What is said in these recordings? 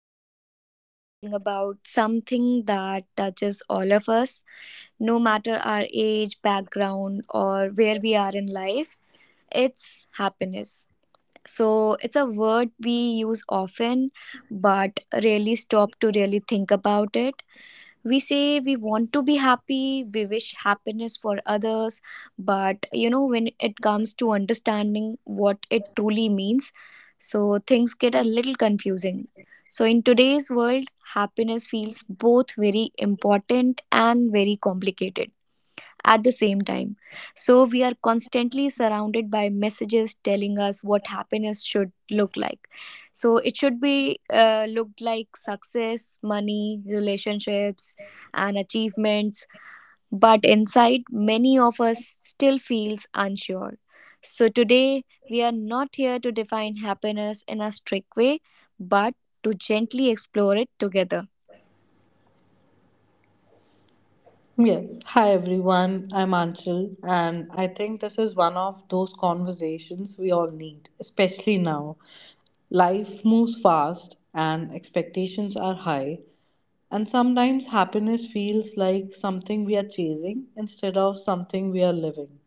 and today we are talking about something that touches all of us, no matter our age, background, or where we are in life. It's happiness. So, it's a word we use often, but rarely stop to really think about it. We say we want to be happy, we wish happiness for others, but you know, when it comes to understanding what it truly means, so things get a little confusing. So in today's world, happiness feels both very important and very complicated at the same time. So we are constantly surrounded by messages telling us what happiness should look like. So it should be looked like success, money, relationships, and achievements. But inside, many of us still feels unsure. So today, we are not here to define happiness in a strict way, but to gently explore it together. Yeah. Hi everyone, I'm Anchal, and I think this is one of those conversations we all need, especially now. Life moves fast and expectations are high, and sometimes happiness feels like something we are chasing instead of something we are living.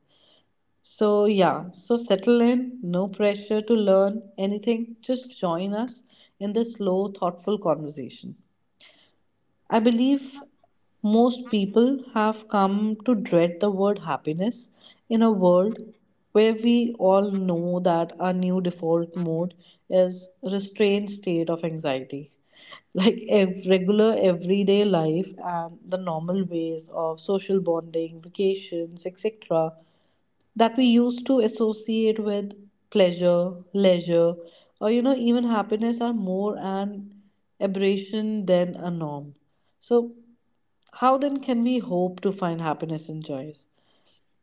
So settle in, no pressure to learn anything, just join us in this slow, thoughtful conversation. I believe most people have come to dread the word happiness in a world where we all know that our new default mode is restrained state of anxiety. Like regular everyday life and the normal ways of social bonding, vacations, etc that we used to associate with pleasure, leisure, or you know, even happiness are more an aberration than a norm. So, how then can we hope to find happiness in joys?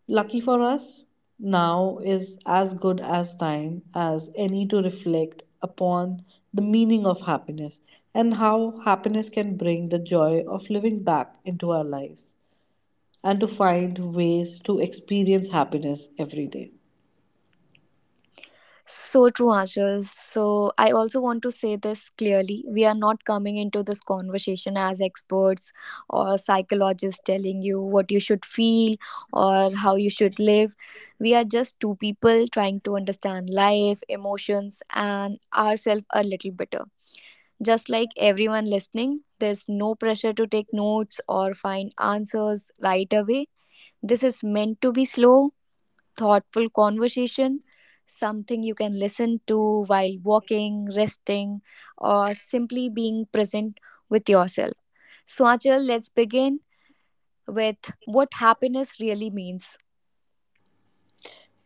Lucky for us, now is as good as time as any to reflect upon the meaning of happiness and how happiness can bring the joy of living back into our lives and to find ways to experience happiness every day. So true, Achal. So I also want to say this clearly. We are not coming into this conversation as experts or psychologists telling you what you should feel or how you should live. We are just two people trying to understand life, emotions, and ourselves a little better. Just like everyone listening, there's no pressure to take notes or find answers right away. This is meant to be slow, thoughtful conversation, something you can listen to while walking, resting, or simply being present with yourself. So, let's begin with what happiness really means.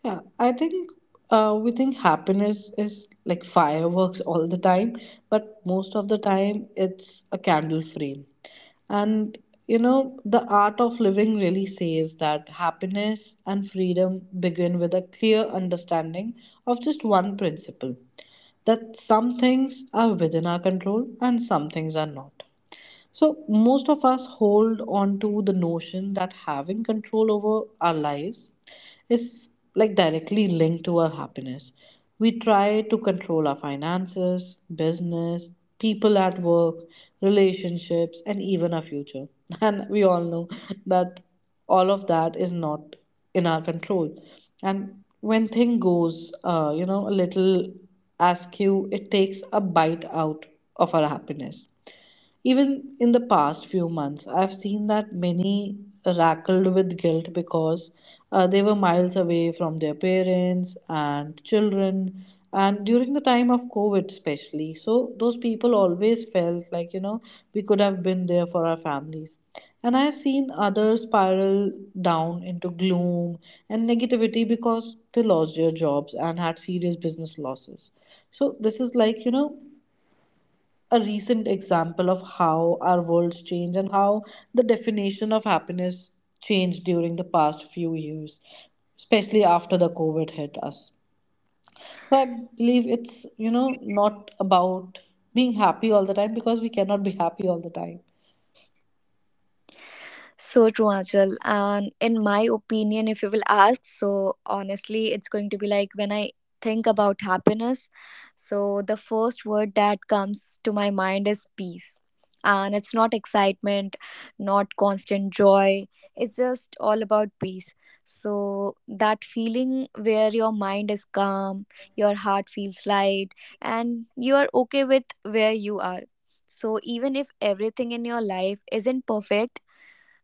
Yeah, I think we think happiness is like fireworks all the time, but most of the time it's a candle frame. And you know, the art of living really says that happiness and freedom begin with a clear understanding of just one principle that some things are within our control and some things are not. So, most of us hold on to the notion that having control over our lives is like directly linked to our happiness. We try to control our finances, business, people at work, relationships, and even our future. And we all know that all of that is not in our control. And when thing goes, a little askew, it takes a bite out of our happiness. Even in the past few months, I've seen that many rackled with guilt because they were miles away from their parents and children, and during the time of COVID, especially. So, those people always felt like, you know, we could have been there for our families. And I've seen others spiral down into gloom and negativity because they lost their jobs and had serious business losses. So, this is like, you know, a recent example of how our worlds change and how the definition of happiness changed during the past few years, especially after the COVID hit us. So I believe it's, you know, not about being happy all the time because we cannot be happy all the time. So true, Achal. And in my opinion, if you will ask, so honestly, it's going to be like when I think about happiness, so the first word that comes to my mind is peace. And it's not excitement, not constant joy. It's just all about peace. So that feeling where your mind is calm, your heart feels light, and you are okay with where you are. So even if everything in your life isn't perfect,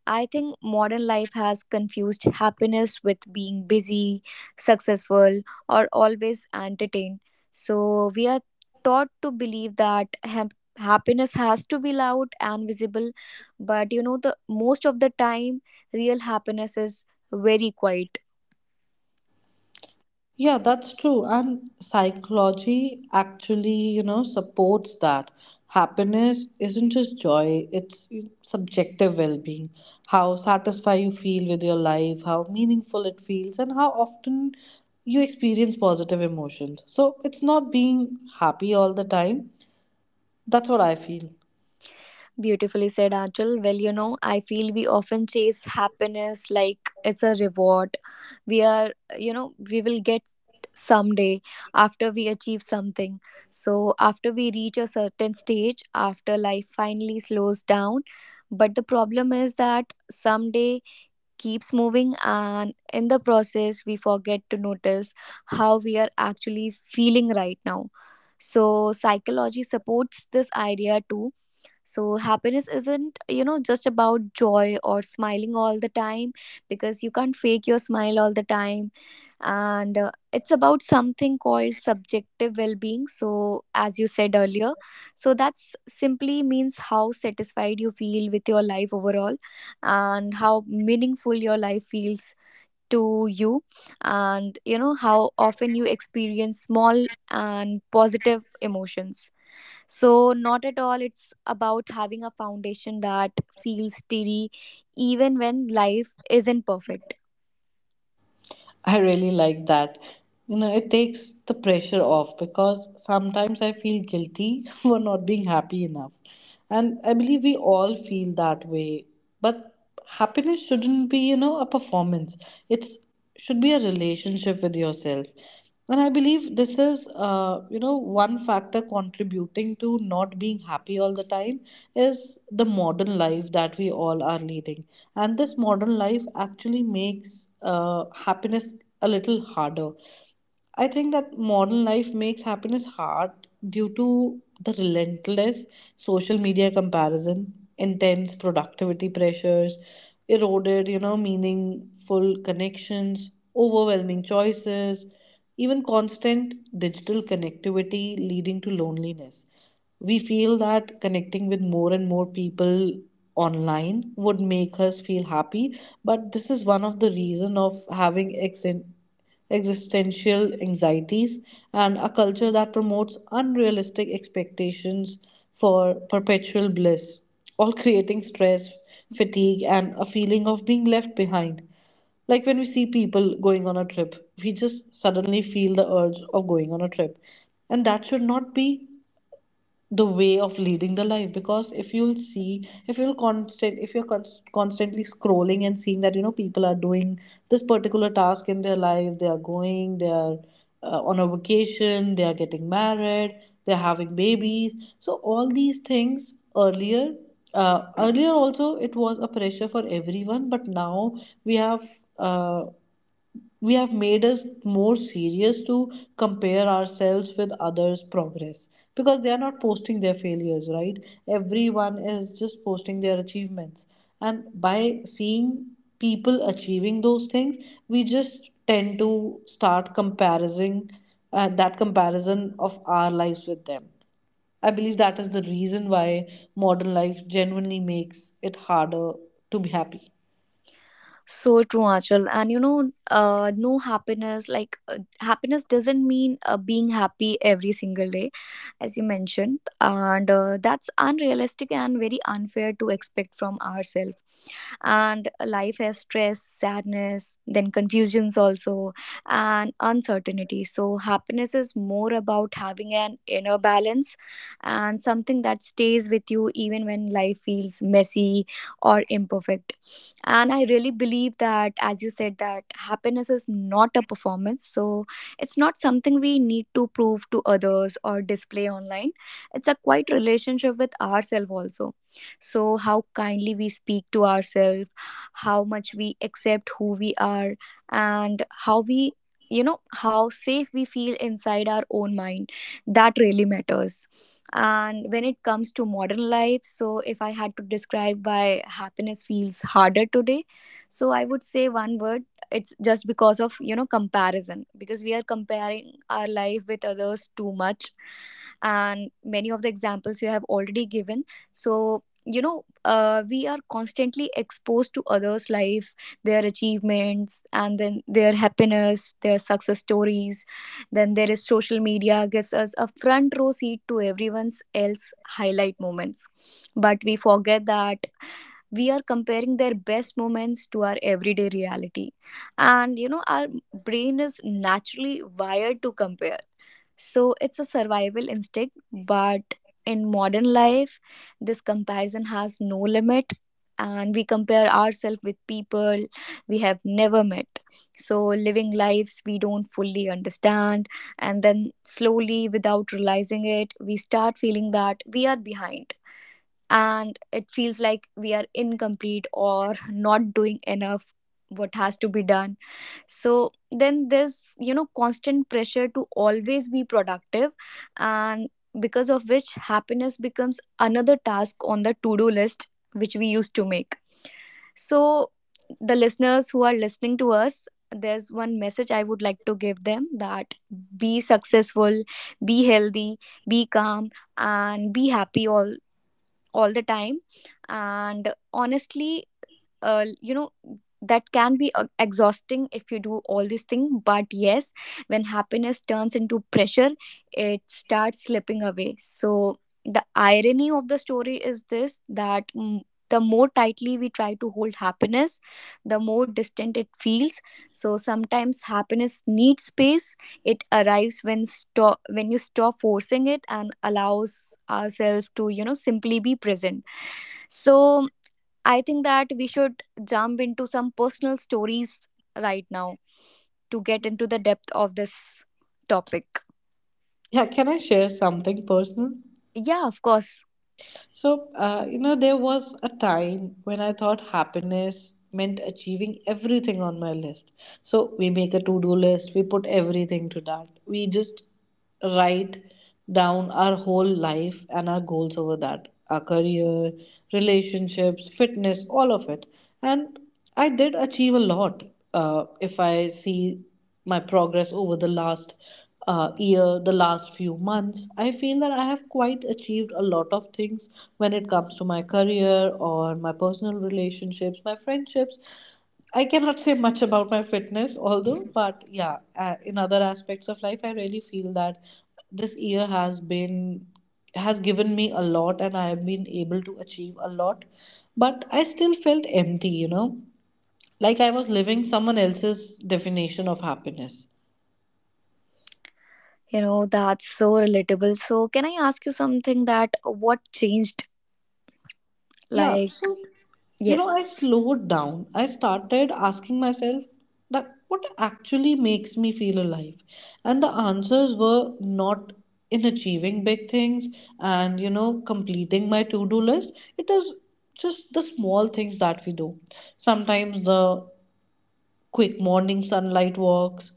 I think modern life has confused happiness with being busy, successful, or always entertained. So we are taught to believe that happiness has to be loud and visible, but you know, the most of the time real happiness is very quiet. Yeah, that's true. And psychology actually, you know, supports that. Happiness isn't just joy, it's subjective well being. How satisfied you feel with your life, how meaningful it feels, and how often you experience positive emotions. So it's not being happy all the time. That's what I feel. Beautifully said, Achal. Well, you know, I feel we often chase happiness like it's a reward. We are, you know, we will get someday after we achieve something. So, after we reach a certain stage, after life finally slows down. But the problem is that someday keeps moving, and in the process, we forget to notice how we are actually feeling right now. So, psychology supports this idea too. So, happiness isn't, you know, just about joy or smiling all the time because you can't fake your smile all the time. And it's about something called subjective well being. So, as you said earlier, so that's simply means how satisfied you feel with your life overall, and how meaningful your life feels to you, and you know, how often you experience small and positive emotions. So, not at all, it's about having a foundation that feels steady even when life isn't perfect. I really like that. You know, it takes the pressure off because sometimes I feel guilty for not being happy enough. And I believe we all feel that way. But happiness shouldn't be, you know, a performance. It should be a relationship with yourself, and I believe this is, you know, one factor contributing to not being happy all the time is the modern life that we all are leading, and this modern life actually makes happiness a little harder. I think that modern life makes happiness hard due to the relentless social media comparison, intense productivity pressures, eroded, you know, meaningful connections, overwhelming choices, even constant digital connectivity leading to loneliness. We feel that connecting with more and more people online would make us feel happy, but this is one of the reason of having existential anxieties and a culture that promotes unrealistic expectations for perpetual bliss, all creating stress, fatigue, and a feeling of being left behind. Like when we see people going on a trip, we just suddenly feel the urge of going on a trip, and that should not be the way of leading the life, because if you'll see, if you'll constant if you're con- constantly scrolling and seeing that you know people are doing this particular task in their life, they are going, they are on a vacation, they are getting married, they're having babies. So all these things earlier, earlier also, it was a pressure for everyone, but now we have, uh, we have made us more serious to compare ourselves with others progress, because they are not posting their failures, right? Everyone is just posting their achievements, and by seeing people achieving those things, we just tend to start comparing that comparison of our lives with them. I believe that is the reason why modern life genuinely makes it harder to be happy. So true, Achal. And you know, no happiness, like happiness doesn't mean being happy every single day, as you mentioned. And that's unrealistic and very unfair to expect from ourselves. And life has stress, sadness, then confusions also, and uncertainty. So, happiness is more about having an inner balance and something that stays with you even when life feels messy or imperfect. And I really believe that, as you said, that happiness is not a performance. So it's not something we need to prove to others or display online. It's a quite relationship with ourselves also. So how kindly we speak to ourselves, how much we accept who we are, and how we, you know, how safe we feel inside our own mind, that really matters. And when it comes to modern life, so if I had to describe why happiness feels harder today, so I would say one word: it's just because of, you know, comparison, because we are comparing our life with others too much. And many of the examples you have already given. So you know, we are constantly exposed to others life, their achievements, and then their happiness, their success stories. Then there is social media, gives us a front row seat to everyone's else highlight moments. But we forget that we are comparing their best moments to our everyday reality. And you know, our brain is naturally wired to compare, so it's a survival instinct, but in modern life, this comparison has no limit, and we compare ourselves with people we have never met. So, living lives we don't fully understand, and then slowly, without realizing it, we start feeling that we are behind, and it feels like we are incomplete or not doing enough what has to be done. So then there's, you know, constant pressure to always be productive, and because of which happiness becomes another task on the to-do list which we used to make. So, the listeners who are listening to us, there's one message I would like to give them, that be successful, be healthy, be calm, and be happy all the time. And honestly, you know, that can be exhausting if you do all this thing, but yes, when happiness turns into pressure, it starts slipping away. So the irony of the story is this, that the more tightly we try to hold happiness, the more distant it feels. So sometimes happiness needs space. It arrives when stop when you stop forcing it and allows ourselves to, you know, simply be present. So I think that we should jump into some personal stories right now to get into the depth of this topic. Yeah, can I share something personal? Yeah, of course. So, you know, there was a time when I thought happiness meant achieving everything on my list. So, we make a to do list, we put everything to that. We just write down our whole life and our goals over that, our career, relationships, fitness, all of it. And I did achieve a lot. If I see my progress over the last year, the last few months, I feel that I have quite achieved a lot of things when it comes to my career or my personal relationships, my friendships. I cannot say much about my fitness, although, but yeah, in other aspects of life, I really feel that this year has been has given me a lot, and I have been able to achieve a lot, but I still felt empty, you know, like I was living someone else's definition of happiness. You know, that's so relatable. So can I ask you something, that what changed, Yeah, like, so you know, yes? I slowed down. I started asking myself that what actually makes me feel alive? And the answers were not in achieving big things and, you know, completing my to do list. It is just the small things that we do. Sometimes the quick morning sunlight walks,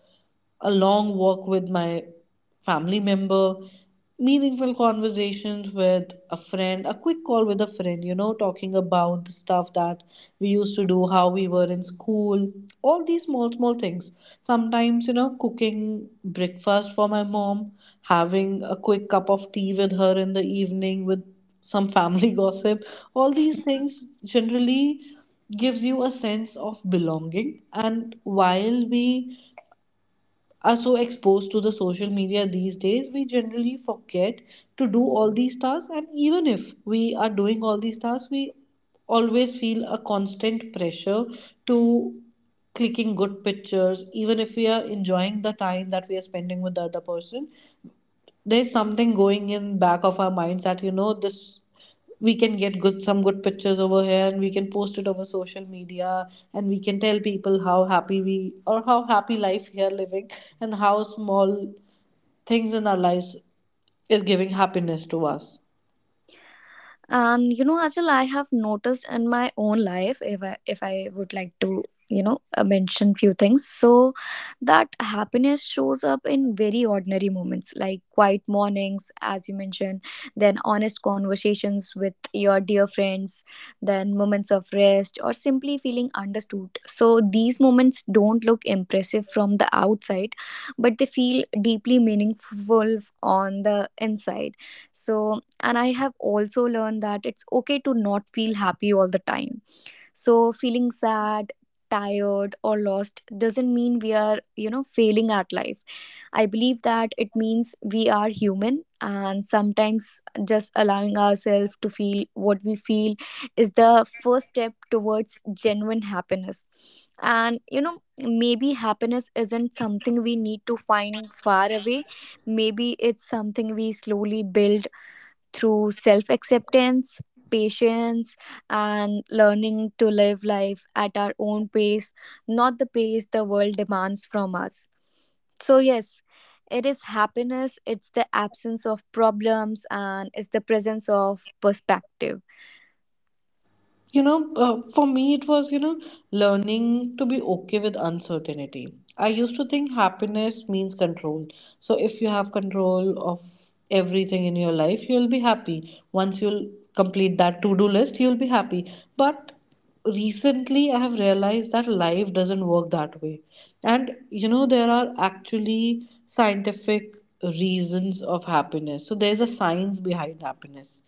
a long walk with my family member, meaningful conversations with a friend, a quick call with a friend, you know, talking about the stuff that we used to do, how we were in school, all these small, small things. Sometimes, you know, cooking breakfast for my mom, having a quick cup of tea with her in the evening with some family gossip, all these things generally gives you a sense of belonging. And while we are so exposed to the social media these days, we generally forget to do all these tasks. And even if we are doing all these tasks, we always feel a constant pressure to clicking good pictures, even if we are enjoying the time that we are spending with the other person. There's something going in back of our minds that, you know, this we can get good some good pictures over here and we can post it over social media, and we can tell people how happy we, or how happy life we are living, and how small things in our lives is giving happiness to us. And you know, Ajal, I have noticed in my own life, if I would like to, you know, mention few things. So that happiness shows up in very ordinary moments, like quiet mornings, as you mentioned, then honest conversations with your dear friends, then moments of rest or simply feeling understood. So these moments don't look impressive from the outside, but they feel deeply meaningful on the inside. So, and I have also learned that it's okay to not feel happy all the time. So feeling sad, tired, or lost doesn't mean we are, you know, failing at life. I believe that it means we are human, and sometimes just allowing ourselves to feel what we feel is the first step towards genuine happiness. And you know, maybe happiness isn't something we need to find far away. Maybe it's something we slowly build through self acceptance, patience, and learning to live life at our own pace, not the pace the world demands from us. So, yes, it is happiness, it's the absence of problems, and it's the presence of perspective. You know, for me, it was, you know, learning to be okay with uncertainty. I used to think happiness means control. So if you have control of everything in your life, you'll be happy. Once you'll complete that to do list, you'll be happy. But recently I have realized that life doesn't work that way. And you know, there are actually scientific reasons of happiness. So there's a science behind happiness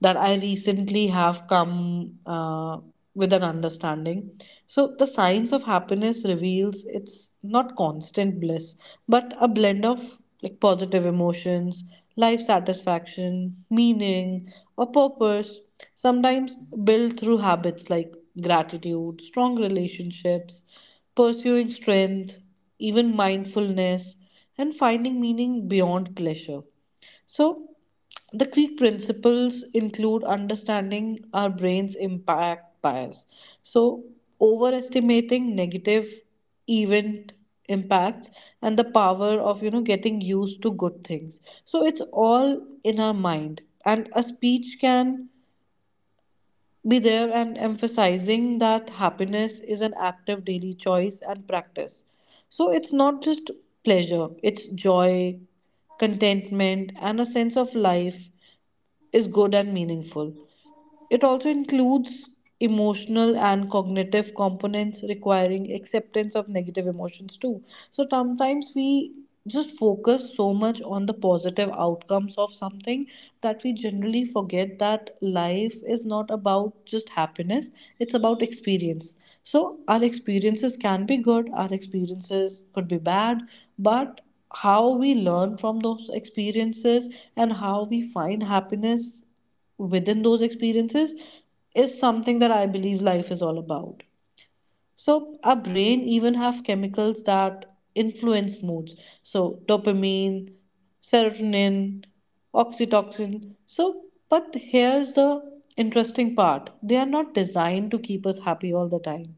that I recently have come, with an understanding. So, the science of happiness reveals it's not constant bliss, but a blend of like positive emotions, life satisfaction, meaning, or purpose, sometimes built through habits like gratitude, strong relationships, pursuing strength, even mindfulness, and finding meaning beyond pleasure. So, the key principles include understanding our brain's impact bias. So, overestimating negative event impacts, and the power of, you know, getting used to good things. So, it's all in our mind, and a speech can be there, and emphasizing that happiness is an active daily choice and practice. So, it's not just pleasure, it's joy, contentment, and a sense of life is good and meaningful. It also includes emotional and cognitive components requiring acceptance of negative emotions too. So sometimes we just focus so much on the positive outcomes of something that we generally forget that life is not about just happiness, it's about experience. So our experiences can be good, our experiences could be bad, but how we learn from those experiences and how we find happiness within those experiences is something that I believe life is all about. So our brain even have chemicals that influence moods. So dopamine, serotonin, oxytocin. So, but here's the interesting part. They are not designed to keep us happy all the time,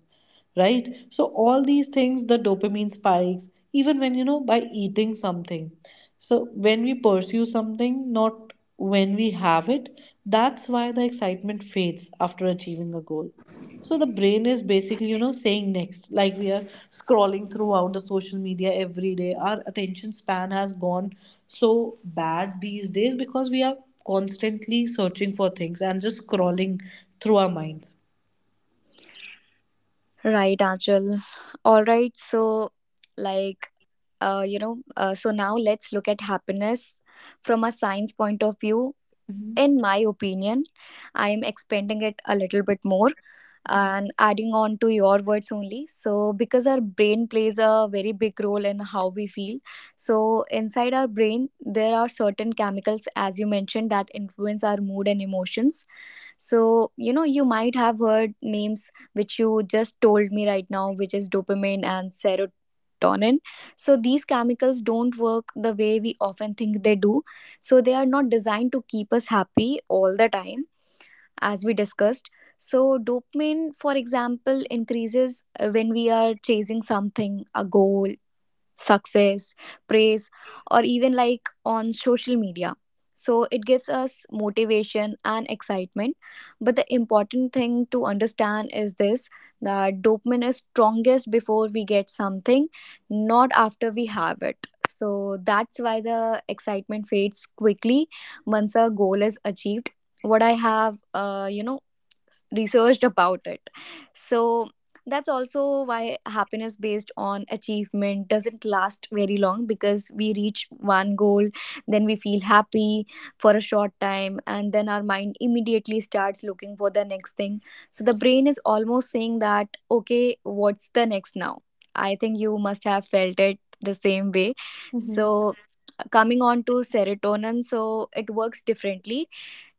right? So all these things, the dopamine spikes even when, by eating something. So when we pursue something, not when we have it, that's why the excitement fades after achieving a goal. So the brain is basically, saying next. Like we are scrolling throughout the social media every day. Our attention span has gone so bad these days because we are constantly searching for things and just scrolling through our minds. Right, Achal. All right, so like you know, so now let's look at happiness from a science point of view. In my opinion, I am expanding it a little bit more and adding on to your words only. So, because our brain plays a very big role in how we feel, so inside our brain, there are certain chemicals, as you mentioned, that influence our mood and emotions. So, you know, you might have heard names which you just told me right now, which is dopamine and serotonin. So, these chemicals don't work the way we often think they do. So, they are not designed to keep us happy all the time, as we discussed. So, dopamine, for example, increases when we are chasing something, a goal, success, praise, or even like on social media. So it gives us motivation and excitement. But the important thing to understand is this, that dopamine is strongest before we get something, not after we have it. So that's why the excitement fades quickly once a goal is achieved. What I have, you know, researched about it. So that's also why happiness based on achievement doesn't last very long, because we reach one goal, then we feel happy for a short time, and then our mind immediately starts looking for the next thing. So the brain is almost saying that, okay, what's the next now? I think you must have felt it the same way. Mhm. So coming on to serotonin, so it works differently.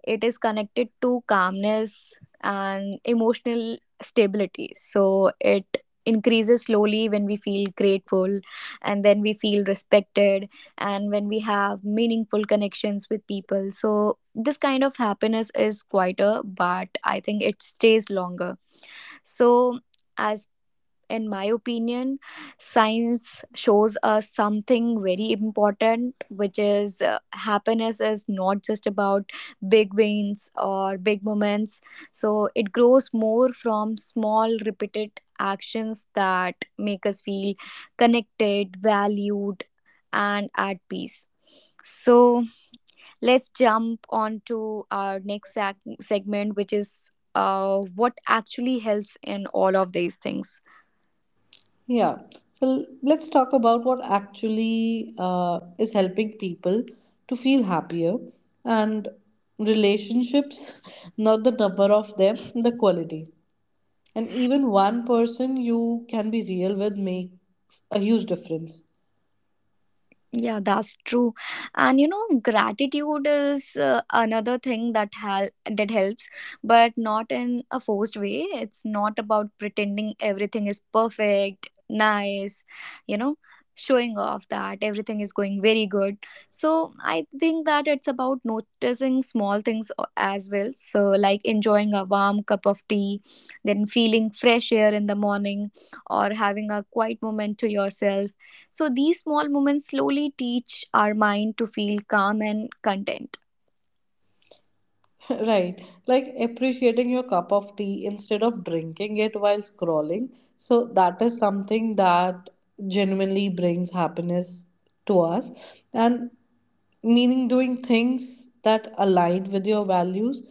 It is connected to calmness and emotional stability, so it increases slowly when we feel grateful, and then we feel respected, and when we have meaningful connections with people. So this kind of happiness is quieter, but I think it stays longer. So, as in my opinion, science shows us something very important, which is happiness is not just about big wins or big moments. So it grows more from small, repeated actions that make us feel connected, valued, and at peace. So let's jump on to our next segment, which is what actually helps in all of these things. Yeah. Well, let's talk about what actually is helping people to feel happier. And relationships, not the number of them, the quality. And even one person you can be real with makes a huge difference. Yeah, that's true. And you know, gratitude is another thing that that helps, but not in a forced way. It's not about pretending everything is perfect, nice, you know, showing off that everything is going very good. So, I think that it's about noticing small things as well. So, like enjoying a warm cup of tea, then feeling fresh air in the morning, or having a quiet moment to yourself. So these small moments slowly teach our mind to feel calm and content. Right, like appreciating your cup of tea instead of drinking it while scrolling. So that is something that genuinely brings happiness to us. And meaning, doing things that align with your values,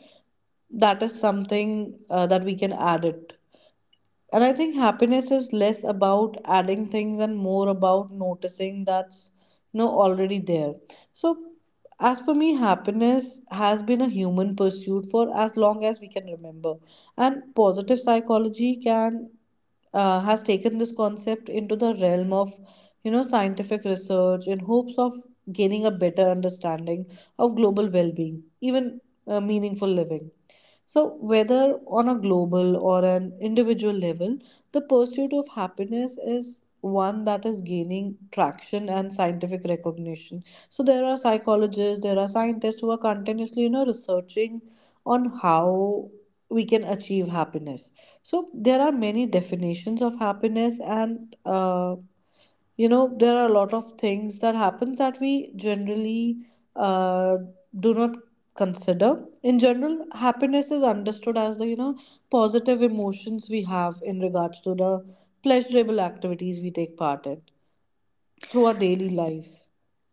that is something that we can add. It and I think happiness is less about adding things and more about noticing that's already there. So, as per me, happiness has been a human pursuit for as long as we can remember. And positive psychology can has taken this concept into the realm of scientific research in hopes of gaining a better understanding of global well-being, even meaningful living. So, whether on a global or an individual level, the pursuit of happiness is one that is gaining traction and scientific recognition. So there are psychologists, there are scientists who are continuously, researching on how we can achieve happiness. So there are many definitions of happiness, and there are a lot of things that happens that we generally uh, do not consider. In general, happiness is understood as the positive emotions we have in regards to the pleasurable activities we take part in through our daily lives.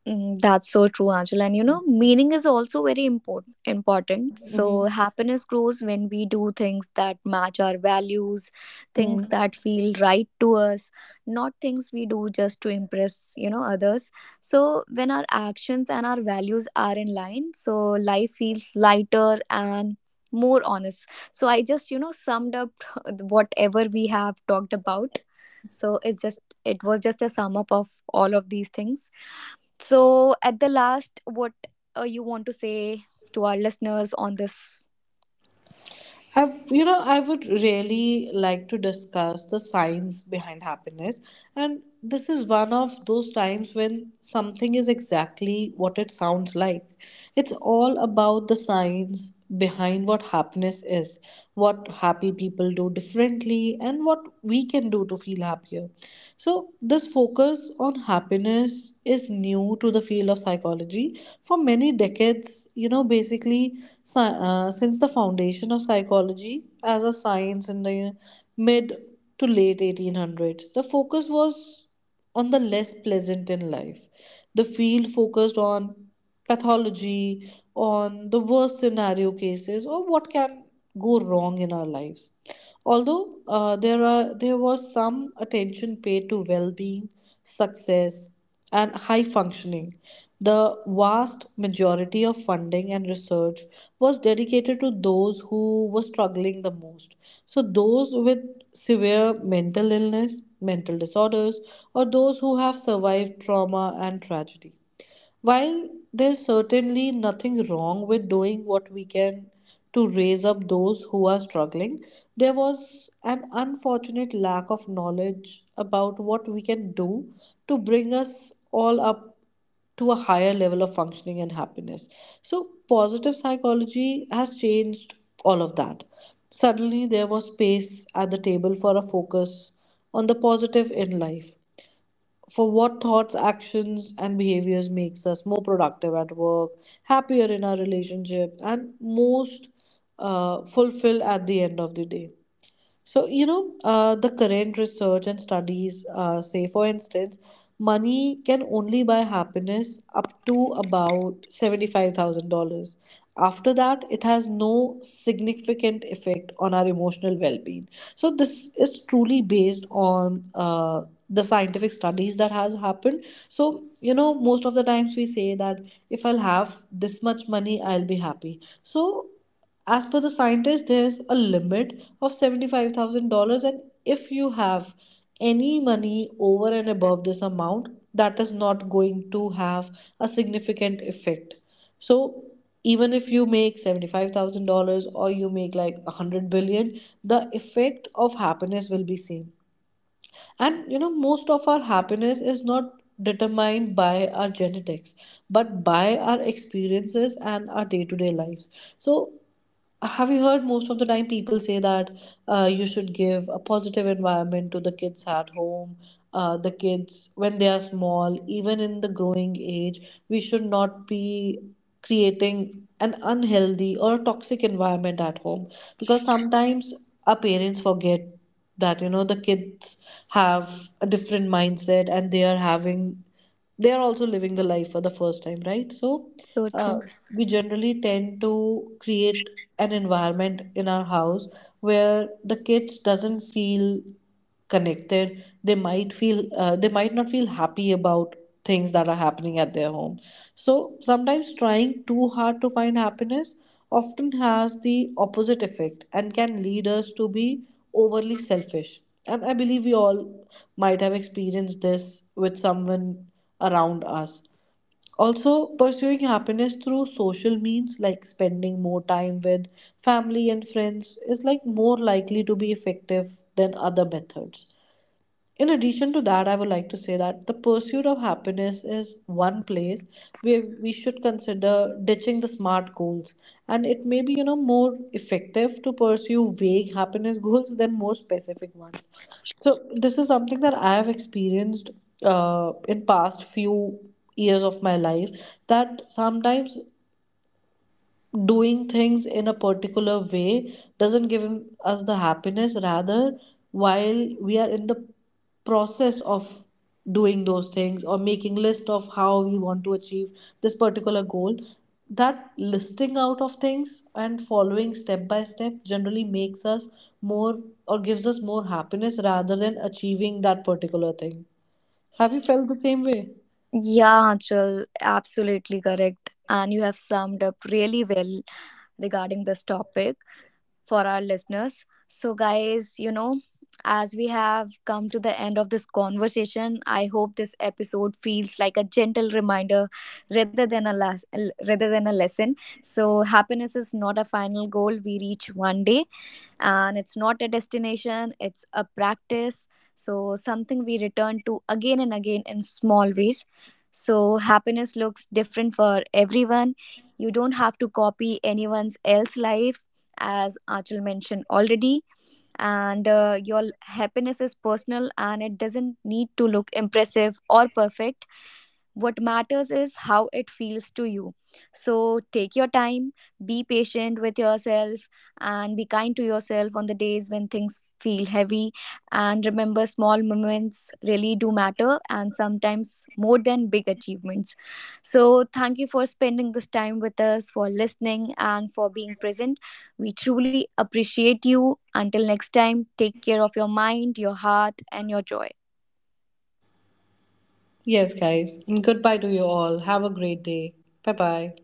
Mm, that's so true, Angela. And you know, meaning is also very important. Important. Mm-hmm. So, happiness grows when we do things that match our values, Mm. things that feel right to us, not things we do just to impress, you know, others. So, when our actions and our values are in line, so life feels lighter and more honest. So, I just, you know, summed up whatever we have talked about. So, it's just, it was just a sum up of all of these things. So, at the last, what you want to say to our listeners on this? I would really like to discuss the science behind happiness. And this is one of those times when something is exactly what it sounds like. It's all about the science behind what happiness is, what happy people do differently, and what we can do to feel happier. So, this focus on happiness is new to the field of psychology. For many decades, basically, since the foundation of psychology as a science in the mid to late 1800s, the focus was on the less pleasant in life. The field focused on pathology, on the worst scenario cases, or what can go wrong in our lives. Although there was some attention paid to well-being, success, and high functioning, the vast majority of funding and research was dedicated to those who were struggling the most. So those with severe mental illness, mental disorders, or those who have survived trauma and tragedy. While there's certainly nothing wrong with doing what we can to raise up those who are struggling, there was an unfortunate lack of knowledge about what we can do to bring us all up to a higher level of functioning and happiness. So, positive psychology has changed all of that. Suddenly, there was space at the table for a focus on the positive in life, for what thoughts, actions, and behaviors makes us more productive at work, happier in our relationship, and most fulfilled at the end of the day. So, the current research and studies say, for instance, money can only buy happiness up to about $75,000. After that, it has no significant effect on our emotional well being. So, this is truly based on the scientific studies that has happened. So, most of the times we say that if I'll have this much money, I'll be happy. So, as per the scientists, there's a limit of $75,000. And if you have any money over and above this amount, that is not going to have a significant effect. So, even if you make $75,000 or you make like 100 billion, the effect of happiness will be same. And most of our happiness is not determined by our genetics, but by our experiences and our day to day lives. So, have you heard most of the time people say that you should give a positive environment to the kids at home, the kids when they are small, even in the growing age, we should not be creating an unhealthy or toxic environment at home. Because sometimes our parents forget that the kids have a different mindset and they are having, they're also living the life for the first time, right? So So uh, true. we generally tend to create an environment in our house where the kids doesn't feel connected. They might feel they might not feel happy about things that are happening at their home. So sometimes trying too hard to find happiness often has the opposite effect and can lead us to be overly selfish. And I believe we all might have experienced this with someone around us. Also, pursuing happiness through social means like spending more time with family and friends is like more likely to be effective than other methods. In addition to that, I would like to say that the pursuit of happiness is one place where we should consider ditching the smart goals, and it may be, more effective to pursue vague happiness goals than more specific ones. So this is something that I have experienced in past few years of my life. That sometimes doing things in a particular way doesn't give us the happiness. Rather, while we are in the process of doing those things or making list of how we want to achieve this particular goal, that listing out of things and following step by step generally makes us more, or gives us more happiness rather than achieving that particular thing. Have you felt the same way? Yeah, Anchal, absolutely correct. And you have summed up really well regarding this topic for our listeners. So, guys, you know, as we have come to the end of this conversation, I hope this episode feels like a gentle reminder, rather than a rather than a lesson. So, happiness is not a final goal we reach one day, and it's not a destination, it's a practice. So something we return to again and again in small ways. So happiness looks different for everyone. You don't have to copy anyone's else life, as Achal mentioned already. And your happiness is personal, and it doesn't need to look impressive or perfect. What matters is how it feels to you. So take your time, be patient with yourself, and be kind to yourself on the days when things feel heavy. And remember, small moments really do matter, and sometimes more than big achievements. So, thank you for spending this time with us, for listening, and for being present. We truly appreciate you. Until next time, take care of your mind, your heart, and your joy. Yes, guys, and goodbye to you all. Have a great day. Bye bye.